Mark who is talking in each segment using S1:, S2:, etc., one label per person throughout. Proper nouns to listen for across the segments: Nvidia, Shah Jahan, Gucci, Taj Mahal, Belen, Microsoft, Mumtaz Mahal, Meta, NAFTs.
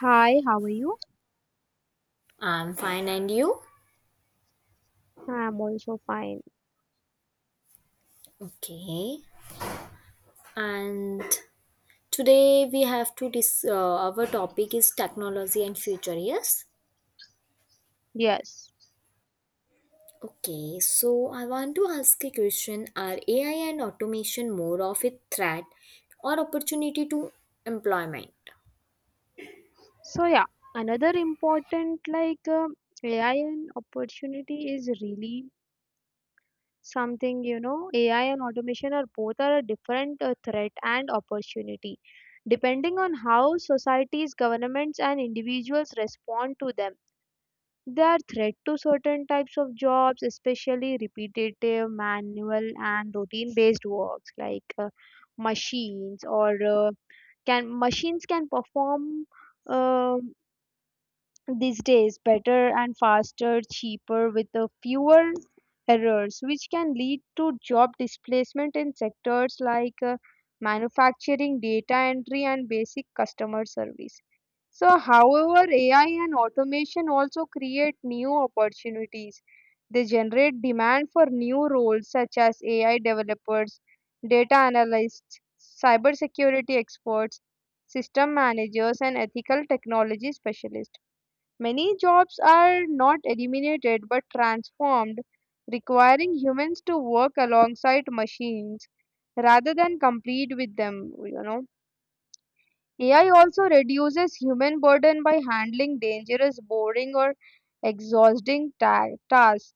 S1: Hi, how are you?
S2: I'm fine, and you?
S1: I'm also fine.
S2: Okay. And today we have to dis. Our topic is technology and future. Yes.
S1: Yes.
S2: Okay. So I want to ask a question: are AI and automation more of a threat or opportunity to employment?
S1: So yeah, another important like AI and opportunity is really AI and automation are both are a different threat and opportunity depending on how societies, governments and individuals respond to them. They are threat to certain types of jobs, especially repetitive, manual, and routine-based works like machines or can machines can perform um these days better and faster, cheaper with the fewer errors, which can lead to job displacement in sectors like manufacturing, data entry, and basic customer service. So, however, AI and automation also create new opportunities. They generate demand for new roles such as AI developers, data analysts, cybersecurity experts, system managers, and ethical technology specialists. Many jobs are not eliminated but transformed, requiring humans to work alongside machines rather than compete with them. AI also reduces human burden by handling dangerous, boring, or exhausting tasks,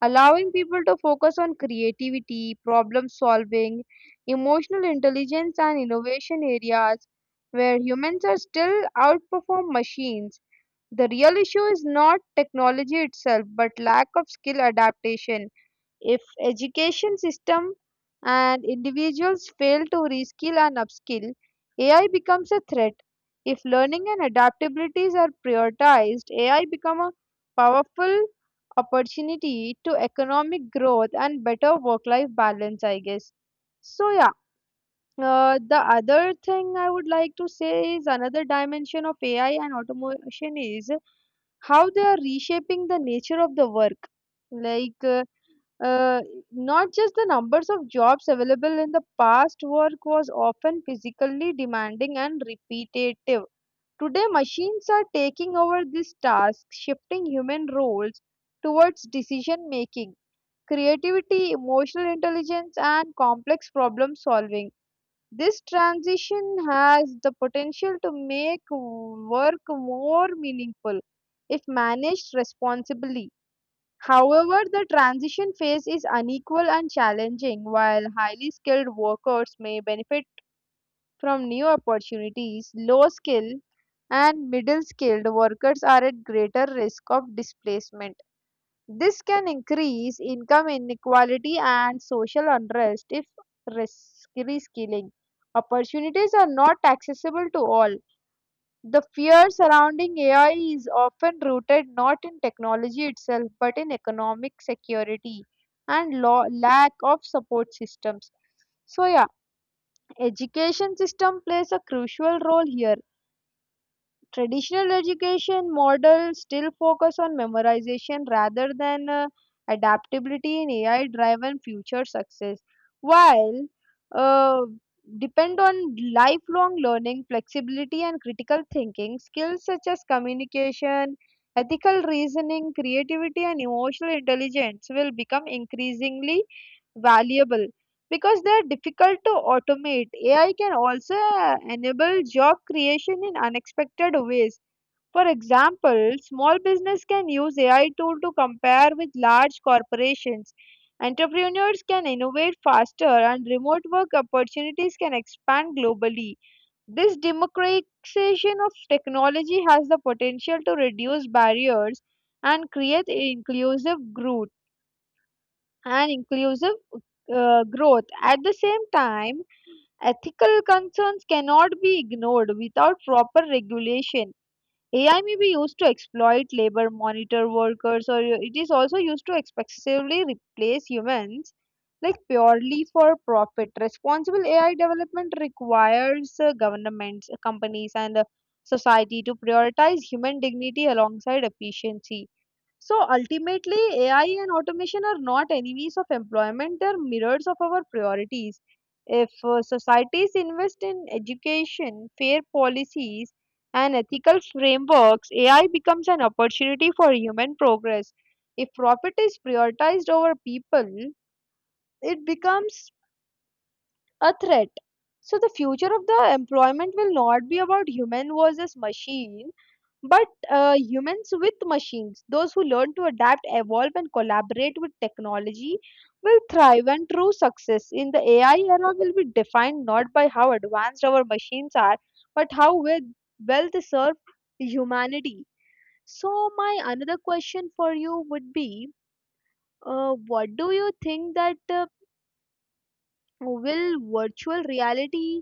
S1: allowing people to focus on creativity, problem solving, emotional intelligence, and innovation areas where humans are still outperform machines. The real issue is not technology itself, but lack of skill adaptation. If education system and individuals fail to reskill and upskill, AI becomes a threat. If learning and adaptabilities are prioritized, AI become a powerful opportunity to economic growth and better work-life balance, I guess. So yeah, the other thing I would like to say is another dimension of AI and automation is how they are reshaping the nature of the work like uh, not just the numbers of jobs available. In the past, work was often physically demanding and repetitive. Today machines are taking over these tasks, shifting human roles towards decision making, creativity, emotional intelligence and complex problem solving. This transition has the potential to make work more meaningful if managed responsibly. However, the transition phase is unequal and challenging. While highly skilled workers may benefit from new opportunities, low skilled and middle skilled workers are at greater risk of displacement. This can increase income inequality and social unrest if reskilling opportunities are not accessible to all. The fear surrounding AI is often rooted not in technology itself but in economic security and lack of support systems. So yeah, education system plays a crucial role here. Traditional education models still focus on memorization rather than adaptability. In AI driven future, success while uh, depend on lifelong learning, flexibility, and critical thinking. Skills such as communication, ethical reasoning, creativity, and emotional intelligence will become increasingly valuable because they are difficult to automate. AI can also enable job creation in unexpected ways. For example, small business can use AI tool to compare with large corporations. Entrepreneurs can innovate faster and remote work opportunities can expand globally. This democratization of technology has the potential to reduce barriers and create inclusive growth and inclusive growth. At the same time, ethical concerns cannot be ignored without proper regulation. AI may be used to exploit labor, monitor workers, or it is also used to excessively replace humans, like purely for profit. Responsible AI development requires governments, companies, and society to prioritize human dignity alongside efficiency. So ultimately, AI and automation are not enemies of employment, they're mirrors of our priorities. If societies invest in education, fair policies, and ethical frameworks, AI becomes an opportunity for human progress. If profit is prioritized over people, it becomes a threat. So, the future of the employment will not be about human versus machine but humans with machines. Those who learn to adapt, evolve, and collaborate with technology, will thrive. And true success in the AI era will be defined not by how advanced our machines are, but how well they serve humanity. So, my another question for you would be what do you think that will virtual reality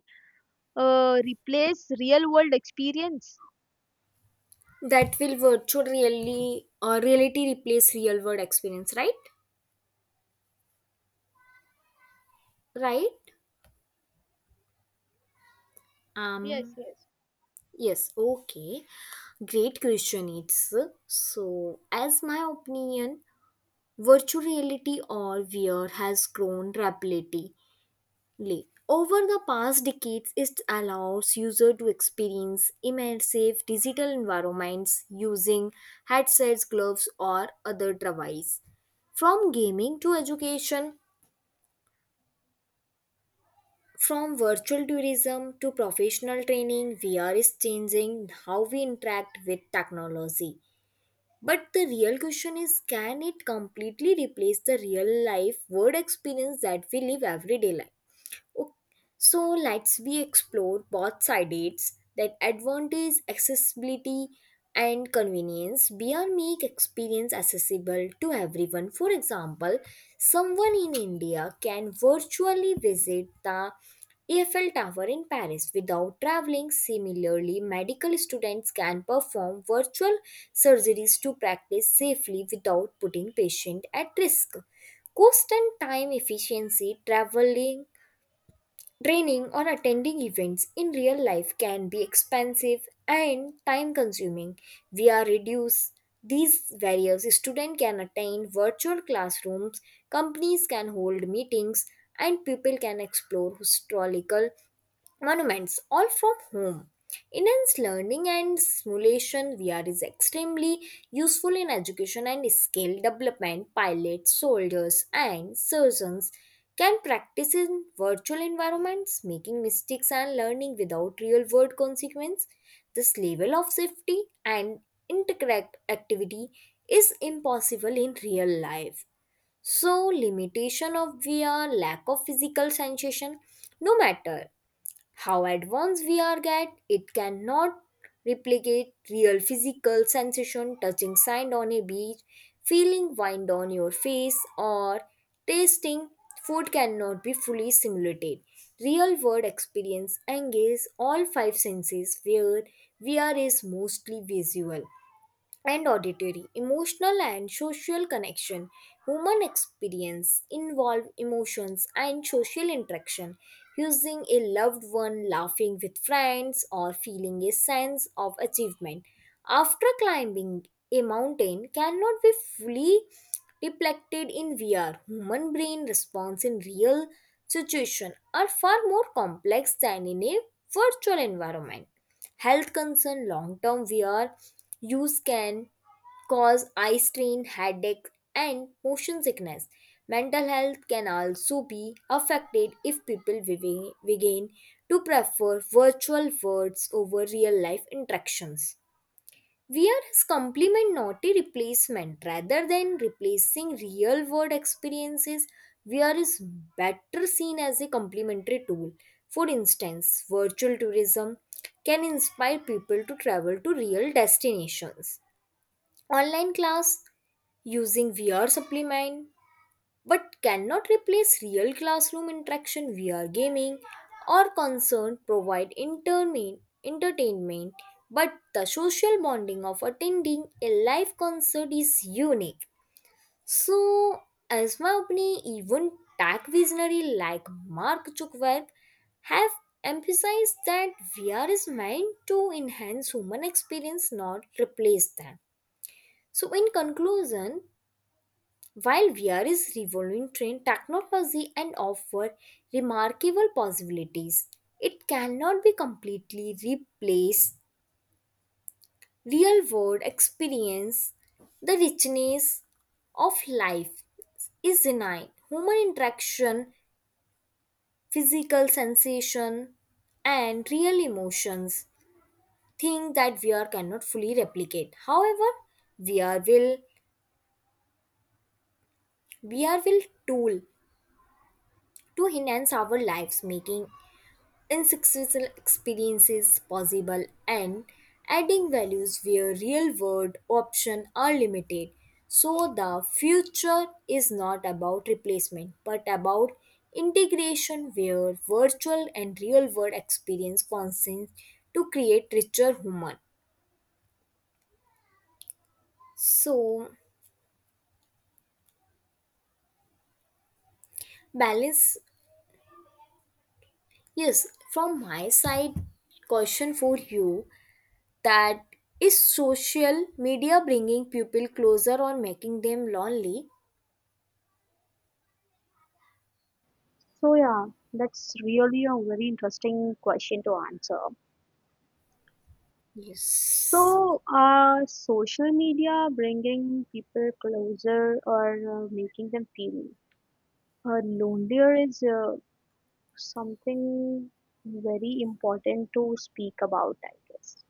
S1: replace real world experience?
S2: That will virtual really or reality replace real world experience? Right. Right.
S1: Yes,
S2: Um.
S1: yes.
S2: Yes. Okay. Great question. It's so as my opinion virtual reality or VR has grown rapidly. Over the past decades, it allows users to experience immersive digital environments using headsets, gloves, or other devices. From gaming to education, from virtual tourism to professional training, VR is changing how we interact with technology. But the real question is, can it completely replace the real life word experience that we live every day life? Ok, so let's we explore both sides that advantage accessibility and convenience beyond make experience accessible to everyone. For example, someone in India can virtually visit the Eiffel Tower in Paris without traveling. Similarly, medical students can perform virtual surgeries to practice safely without putting patient at risk. Cost and time efficiency traveling, training or attending events in real life can be expensive and time consuming. We are reduced these barriers. Students can attend virtual classrooms, companies can hold meetings, and people can explore historical monuments all from home. Enhanced learning and simulation VR is extremely useful in education and skill development. Pilots, soldiers, and surgeons can practice in virtual environments, making mistakes and learning without real world consequence. This level of safety and incorrect activity is impossible in real life. So, limitation of VR, lack of physical sensation, no matter how advanced VR get, it cannot replicate real physical sensation. Touching sand on a beach, feeling wind on your face, or tasting food cannot be fully simulated. Real world experience engages all five senses where VR is mostly visual and auditory, emotional and social connection. Human experience involve emotions and social interaction. Using a loved one, laughing with friends, or feeling a sense of achievement after climbing a mountain cannot be fully reflected in VR. Human brain response in real situation are far more complex than in a virtual environment. Health concern long term wear use can cause eye strain, headache, and motion sickness. Mental health can also be affected if people begin to prefer virtual words over real life interactions. We are complement, not a replacement. Rather than replacing real world experiences, VR is better seen as a complementary tool. For instance, virtual tourism can inspire people to travel to real destinations. Online class using VR supplement but cannot replace real classroom interaction via gaming or concern provide intermin entertainment, but the social bonding of attending a live concert is unique. So as my opinion, even tech visionary like Mark Zuckerberg have emphasized that VR is meant to enhance human experience, not replace them. So in conclusion, while VR is revolutionizing technology and offer remarkable possibilities, it cannot be completely replaced real world experience. The richness of life is denied. Human interaction, physical sensation, and real emotions thing that VR cannot fully replicate. However, VR will VR will tool to enhance our lives, making unsuccessful experiences possible and adding values where real world options are limited. So the future is not about replacement but about integration where virtual and real world experience functions to create richer human. So balance, yes, from my side question for you that is social media bringing people closer or making them lonely?
S1: So yeah, that's really a very interesting question to answer.
S2: Yes.
S1: So, social media bringing people closer or making them feel lonelier is something very important to speak about, I guess.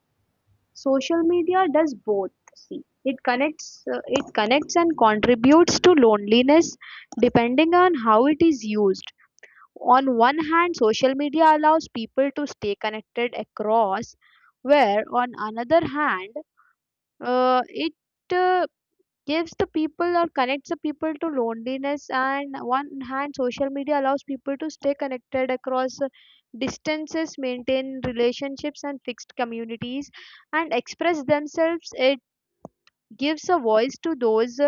S1: Social media does both. See, it connects, it connects and contributes to loneliness, depending on how it is used. On one hand, social media allows people to stay connected across, where on another hand, it uh, gives the people or connects the people to loneliness. And one hand, social media allows people to stay connected across distances, maintain relationships and fixed communities, and express themselves. It gives a voice to those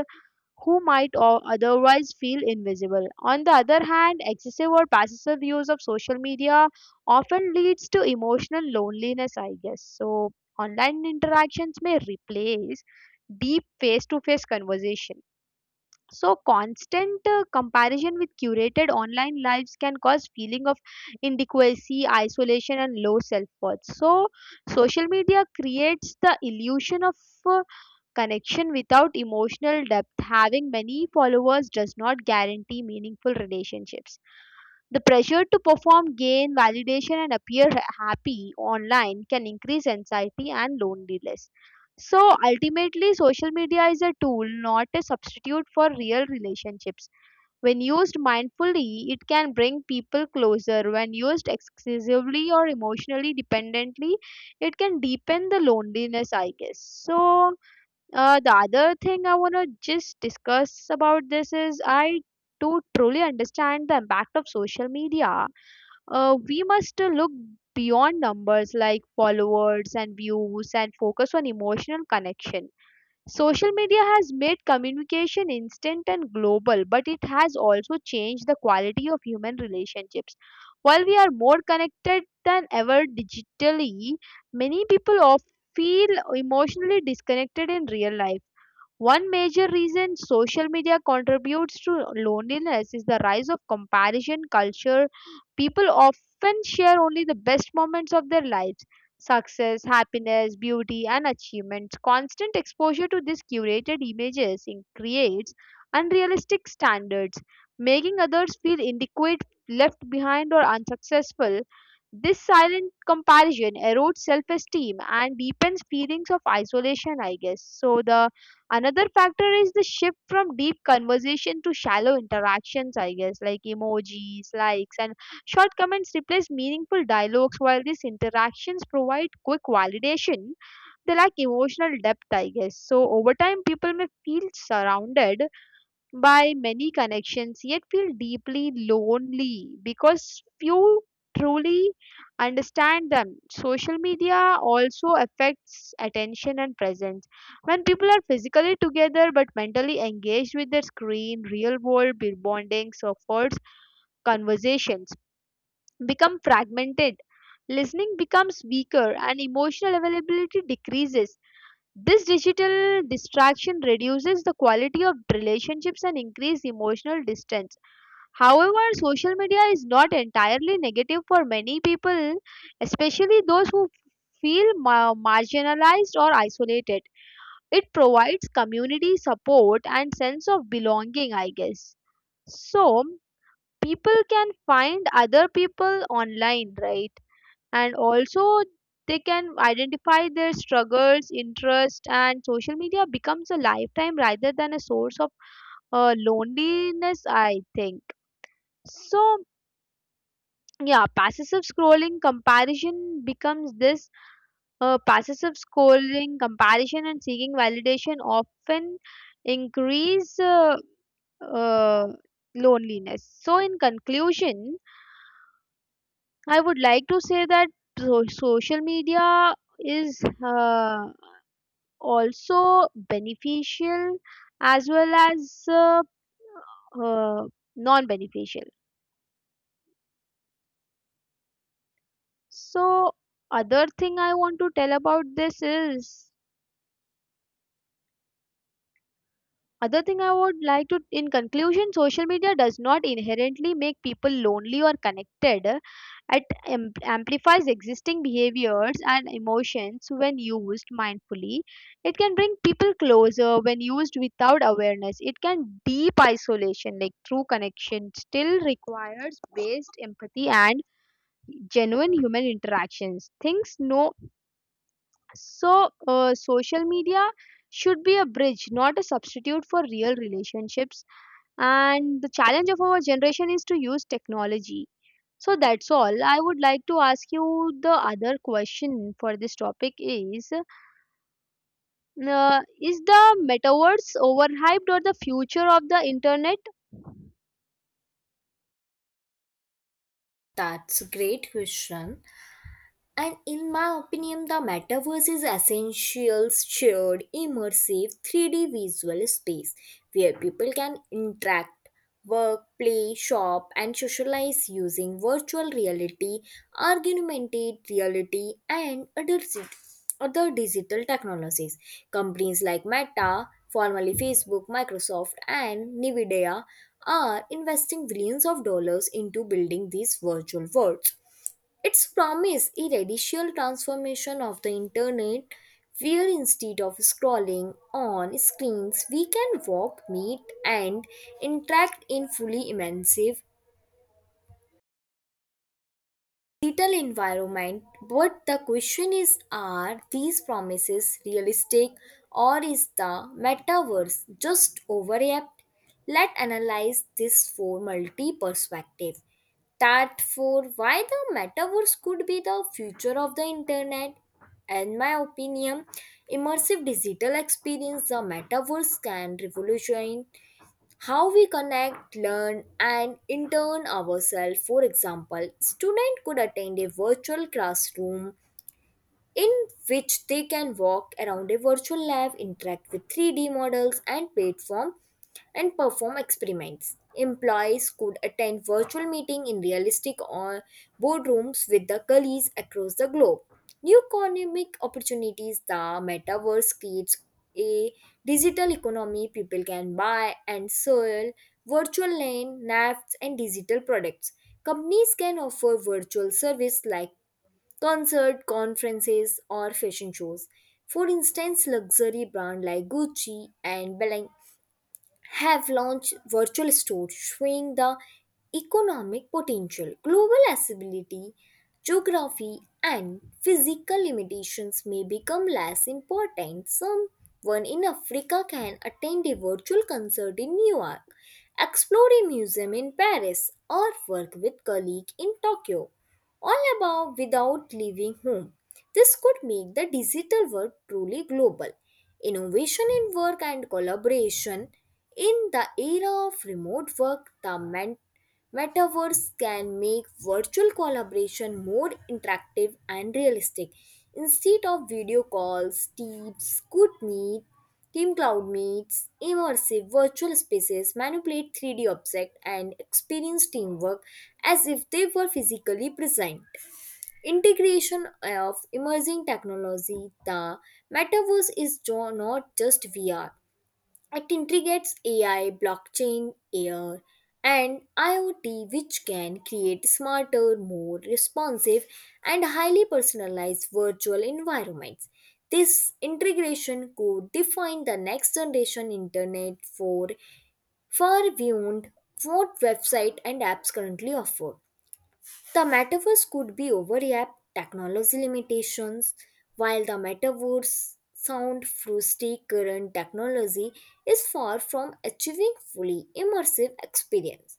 S1: who might otherwise feel invisible. On the other hand, excessive or passive use of social media often leads to emotional loneliness, I guess. So, online interactions may replace deep face to face conversation. So constant comparison with curated online lives can cause feeling of inadequacy, isolation and low self-worth. So social media creates the illusion of uh, connection without emotional depth. Having many followers does not guarantee meaningful relationships. The pressure to perform, gain validation, and appear happy online can increase anxiety and loneliness. So ultimately, social media is a tool, not a substitute for real relationships. When used mindfully, it can bring people closer. When used excessively or emotionally dependently, it can deepen the loneliness, I guess. So, the other thing I want to just discuss about this is I do truly understand the impact of social media. We must look beyond numbers like followers and views and focus on emotional connection. Social media has made communication instant and global, but it has also changed the quality of human relationships. While we are more connected than ever digitally, many people often feel emotionally disconnected in real life. One major reason social media contributes to loneliness is the rise of comparison culture. People often share only the best moments of their lives: success, happiness, beauty, and achievements. Constant exposure to these curated images creates unrealistic standards, making others feel inadequate, left behind, or unsuccessful. This silent comparison erodes self esteem and deepens feelings of isolation, I guess. So, the Another factor is the shift from deep conversation to shallow interactions, I guess, like emojis, likes, and short comments replace meaningful dialogues. While these interactions provide quick validation, they lack emotional depth, I guess. So, over time, people may feel surrounded by many connections yet feel deeply lonely because few truly understand them. Social media also affects attention and presence. When people are physically together but mentally engaged with their screen, real world bondings, efforts, conversations become fragmented, listening becomes weaker and emotional availability decreases. This digital distraction reduces the quality of relationships and increases emotional distance. However, social media is not entirely negative for many people, especially those who feel marginalized or isolated. It provides community support and sense of belonging, I guess. So, people can find other people online, right? And also they can identify their struggles interest and social media becomes a lifetime rather than a source of loneliness, I think. so yeah passive scrolling comparison becomes this passive scrolling comparison and seeking validation often increase uh, loneliness. So, in conclusion, I would like to say that social media is also beneficial as well as uh, non beneficial. So, other thing I want to tell about this is Other thing I would like to, in conclusion, social media does not inherently make people lonely or connected. It amplifies existing behaviors and emotions when used mindfully. It can bring people closer. When used without awareness, it can deep isolation, like true connection, still requires based empathy and genuine human interactions. Things no, so, social media should be a bridge, not a substitute for real relationships. And the challenge of our generation is to use technology. So, that's all. I would like to ask you. The other question for this topic is is the metaverse overhyped or the future of the internet?
S2: That's a great question. And in my opinion, the metaverse is essential shared immersive 3D visual space where people can interact, work, play, shop, and socialize using virtual reality, augmented reality, and other digital technologies. Companies like Meta, formerly Facebook, Microsoft, and Nvidia are investing billions of dollars into building these virtual worlds. It's promised a radical transformation of the internet where instead of scrolling on screens we can walk, meet and interact in fully immersive digital environment, but the question is, are these promises realistic or is the metaverse just overhyped? Let's analyze this for multi perspective. That for why the metaverse could be the future of the internet. In my opinion, immersive digital experience, the metaverse can revolutionize how we connect, learn, and intern ourselves. For example, student could attend a virtual classroom in which they can walk around a virtual lab, interact with 3D models and platform, and perform experiments. Employees could attend virtual meeting in realistic or boardrooms with the colleagues across the globe. New economic opportunities the metaverse creates a digital economy people can buy and sell virtual land, NAFTs and digital products. Companies can offer virtual service like concert, conferences, or fashion shows. For instance, luxury brands like Gucci and Belen have launched virtual stores showing the economic potential. Global accessibility, geography, and physical limitations may become less important. Someone in Africa can attend a virtual concert in New York, explore a museum in Paris, or work with colleagues in Tokyo, all above without leaving home. This could make the digital world truly global. Innovation in work and collaboration. In the era of remote work, the metaverse can make virtual collaboration more interactive and realistic. Instead of video calls, teams could meet, team cloud meets, immersive virtual spaces, manipulate 3D objects, and experience teamwork as if they were physically present. Integration of emerging technology, the metaverse is not just VR. It integrates AI, blockchain, AR, and IoT, which can create smarter, more responsive, and highly personalized virtual environments. This integration could define the next generation internet for far beyond what website and apps currently offer. The metaverse could be overlap technology limitations, while the metaverse sound through current technology is far from achieving fully immersive experience.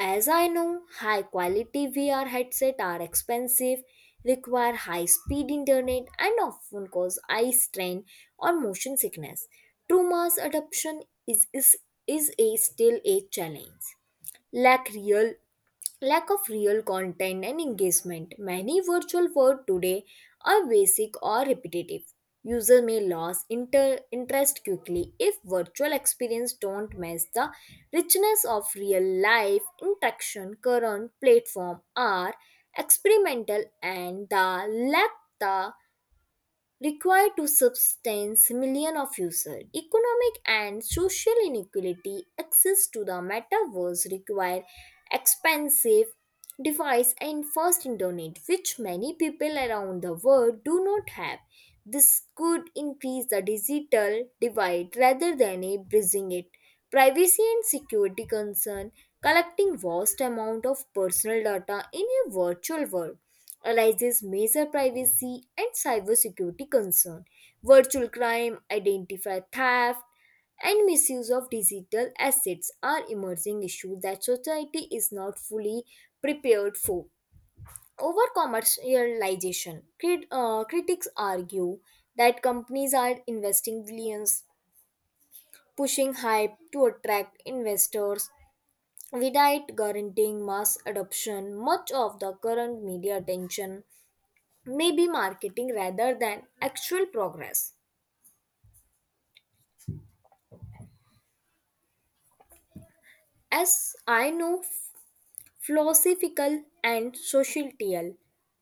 S2: As I know, high quality VR headset are expensive, require high speed internet and often cause eye strain or motion sickness. True mass adoption is, is, is a still a challenge lack real lack of real content and engagement. Many virtual words today are basic or repetitive. User may lose interest quickly if virtual experience don't match the richness of real life interaction. Current platform are experimental and the lack the required to sustain millions of users. Economic and social inequality access to the metaverse require expensive device and fast internet, which many people around the world do not have. This could increase the digital divide rather than a bridging it. Privacy and security concern collecting vast amount of personal data in a virtual world raises major privacy and cybersecurity concerns. Virtual crime, identity theft, and misuse of digital assets are emerging issues that society is not fully prepared for. Over commercialization, critics argue that companies are investing billions, pushing hype to attract investors without guaranteeing mass adoption. Much of the current media attention may be marketing rather than actual progress. As I know, philosophical and societal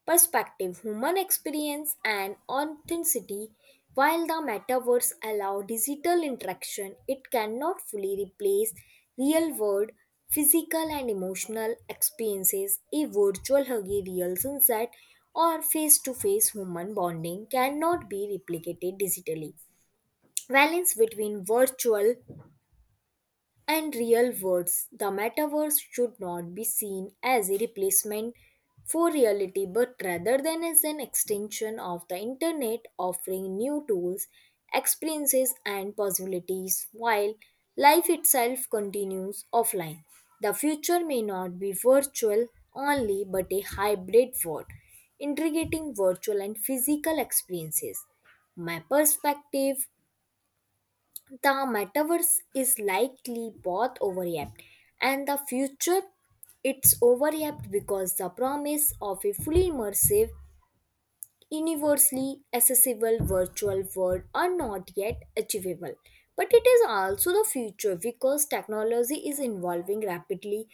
S2: perspective, human experience and authenticity, while the metaverse allow digital interaction, it cannot fully replace real world physical and emotional experiences. A virtual huggy real sunset or face to face human bonding cannot be replicated digitally balance between virtual and real words. The metaverse should not be seen as a replacement for reality but rather than as an extension of the internet offering new tools, experiences and possibilities while life itself continues offline. The future may not be virtual only but a hybrid world integrating virtual and physical experiences. My perspective the metaverse is likely both overhyped and the future it's overhyped because the promise of a fully immersive universally accessible virtual world are not yet achievable but it is also the future because technology is evolving rapidly.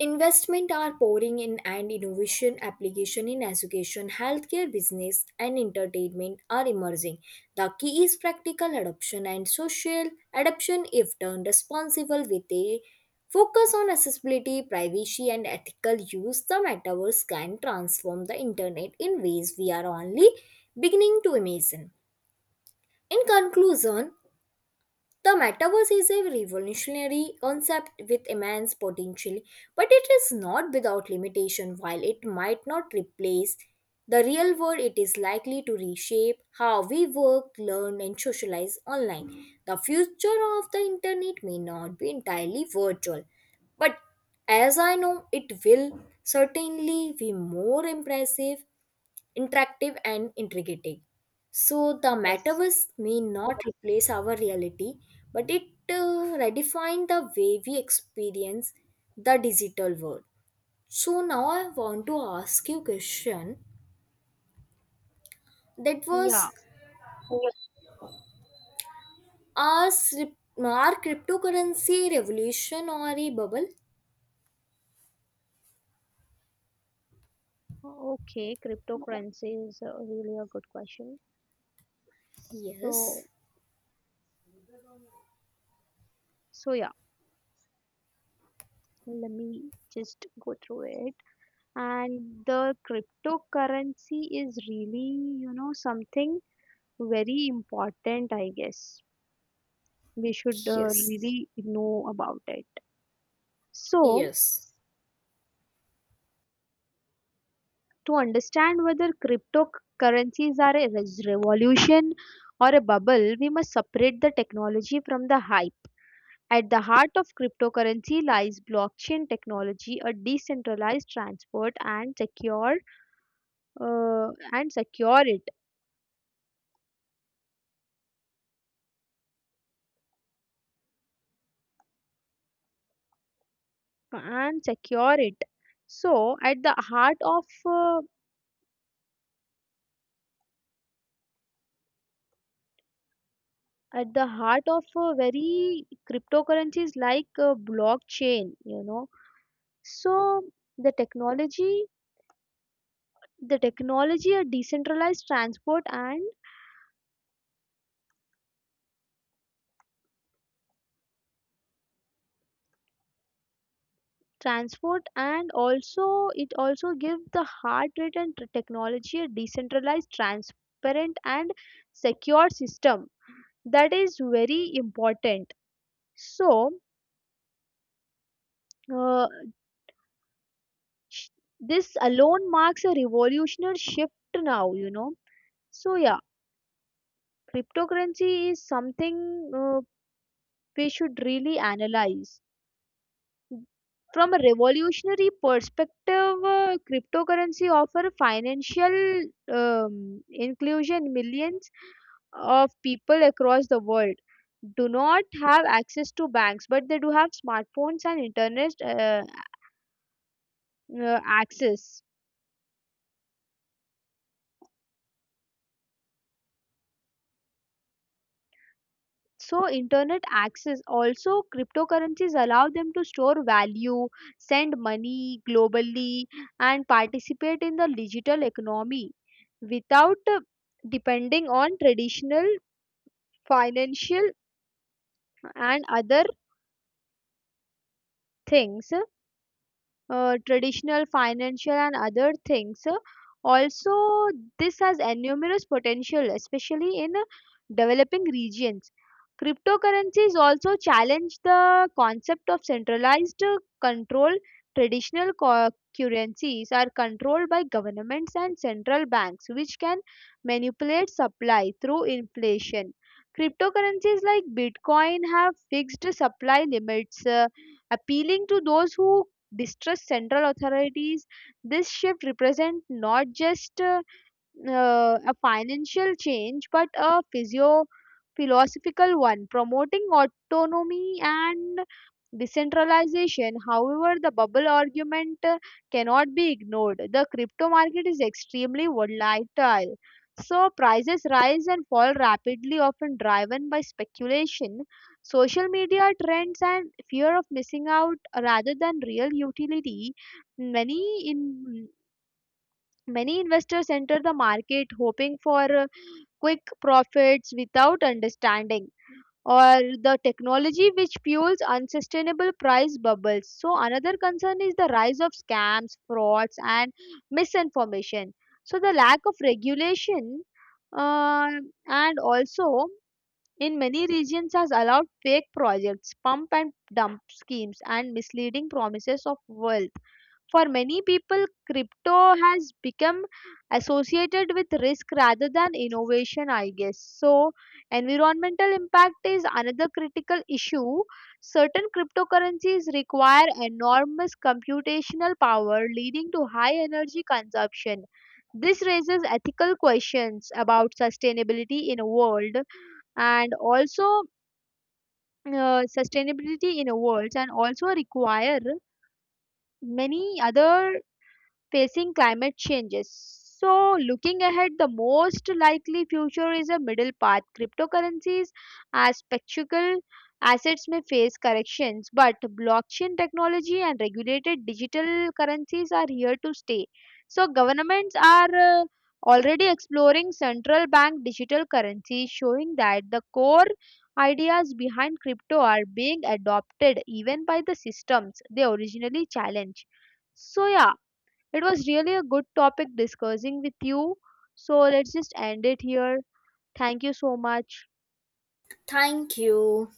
S2: Investment are pouring in and innovation application in education, healthcare, business and entertainment are emerging. The key is practical adoption and social adoption if done responsible with a focus on accessibility, privacy and ethical use. The metaverse can transform the internet in ways we are only beginning to imagine. In conclusion, the metaverse is a revolutionary concept with immense potential, but it is not without limitation. While it might not replace the real world, it is likely to reshape how we work, learn, and socialize online. The future of the internet may not be entirely virtual, but as I know, it will certainly be more impressive interactive and intriguing. So the
S1: Yes.
S2: metaverse may not replace our reality, but it redefine the way we experience the digital world. So now I want to ask you question that was
S1: Yeah.
S2: our our cryptocurrency revolution or a bubble?
S1: Okay. Cryptocurrency is really a good question. So,
S2: Yes,
S1: So, yeah. Let me just go through it. And the cryptocurrency is really, you know, something very important, I guess. We should
S2: yes,
S1: really know about it. So,
S2: yes.
S1: to understand whether cryptocurrencies are a revolution or a bubble, we must separate the technology from the hype. At the heart of cryptocurrency lies blockchain technology, a decentralized transport and secure uh, and security and secure it so at the heart of at the heart of very cryptocurrencies like blockchain you know so the technology the technology a decentralized transport and transport and also it also give the heart rate and t- technology a decentralized transparent and secure system. That is very important. So, uh, this alone marks a revolutionary shift now, you know. So, yeah, cryptocurrency is something we should really analyze. From a revolutionary perspective, cryptocurrency offer financial inclusion. Millions of people across the world do not have access to banks, but they do have smartphones and internet access. So internet access also cryptocurrencies allow them to store value, send money globally and participate in the digital economy without depending on financial and other things traditional, financial, and other things. Also, this has enormous potential, especially in developing regions. Cryptocurrencies also challenge the concept of centralized control. Traditional currencies are controlled by governments and central banks, which can manipulate supply through inflation. Cryptocurrencies like Bitcoin have fixed supply limits, appealing to those who distrust central authorities. This shift represents not just a financial change but a physio philosophical one, promoting autonomy and decentralization. However, the bubble argument cannot be ignored. The crypto market is extremely volatile, so prices rise and fall rapidly, often driven by speculation, social media trends and fear of missing out rather than real utility. many in Many investors enter the market hoping for quick profits without understanding or the technology which fuels unsustainable price bubbles. So, another concern is the rise of scams, frauds, and misinformation. So, the lack of regulation uh, and also in many regions has allowed fake projects, pump and dump schemes, and misleading promises of wealth. For many people, crypto has become associated with risk rather than innovation, I guess. So, environmental impact is another critical issue. Certain cryptocurrencies require enormous computational power, leading to high energy consumption. This raises ethical questions about and also sustainability in a world and also require many other facing climate changes. So, looking ahead, the most likely future is a middle path. Cryptocurrencies as spectacle assets may face corrections, but blockchain technology and regulated digital currencies are here to stay. So, governments are uh, already exploring central bank digital currencies, showing that the core ideas behind crypto are being adopted even by the systems they originally challenged. So, yeah, it was really a good topic discussing with you. So let's just end it here. Thank you so much.
S2: Thank you.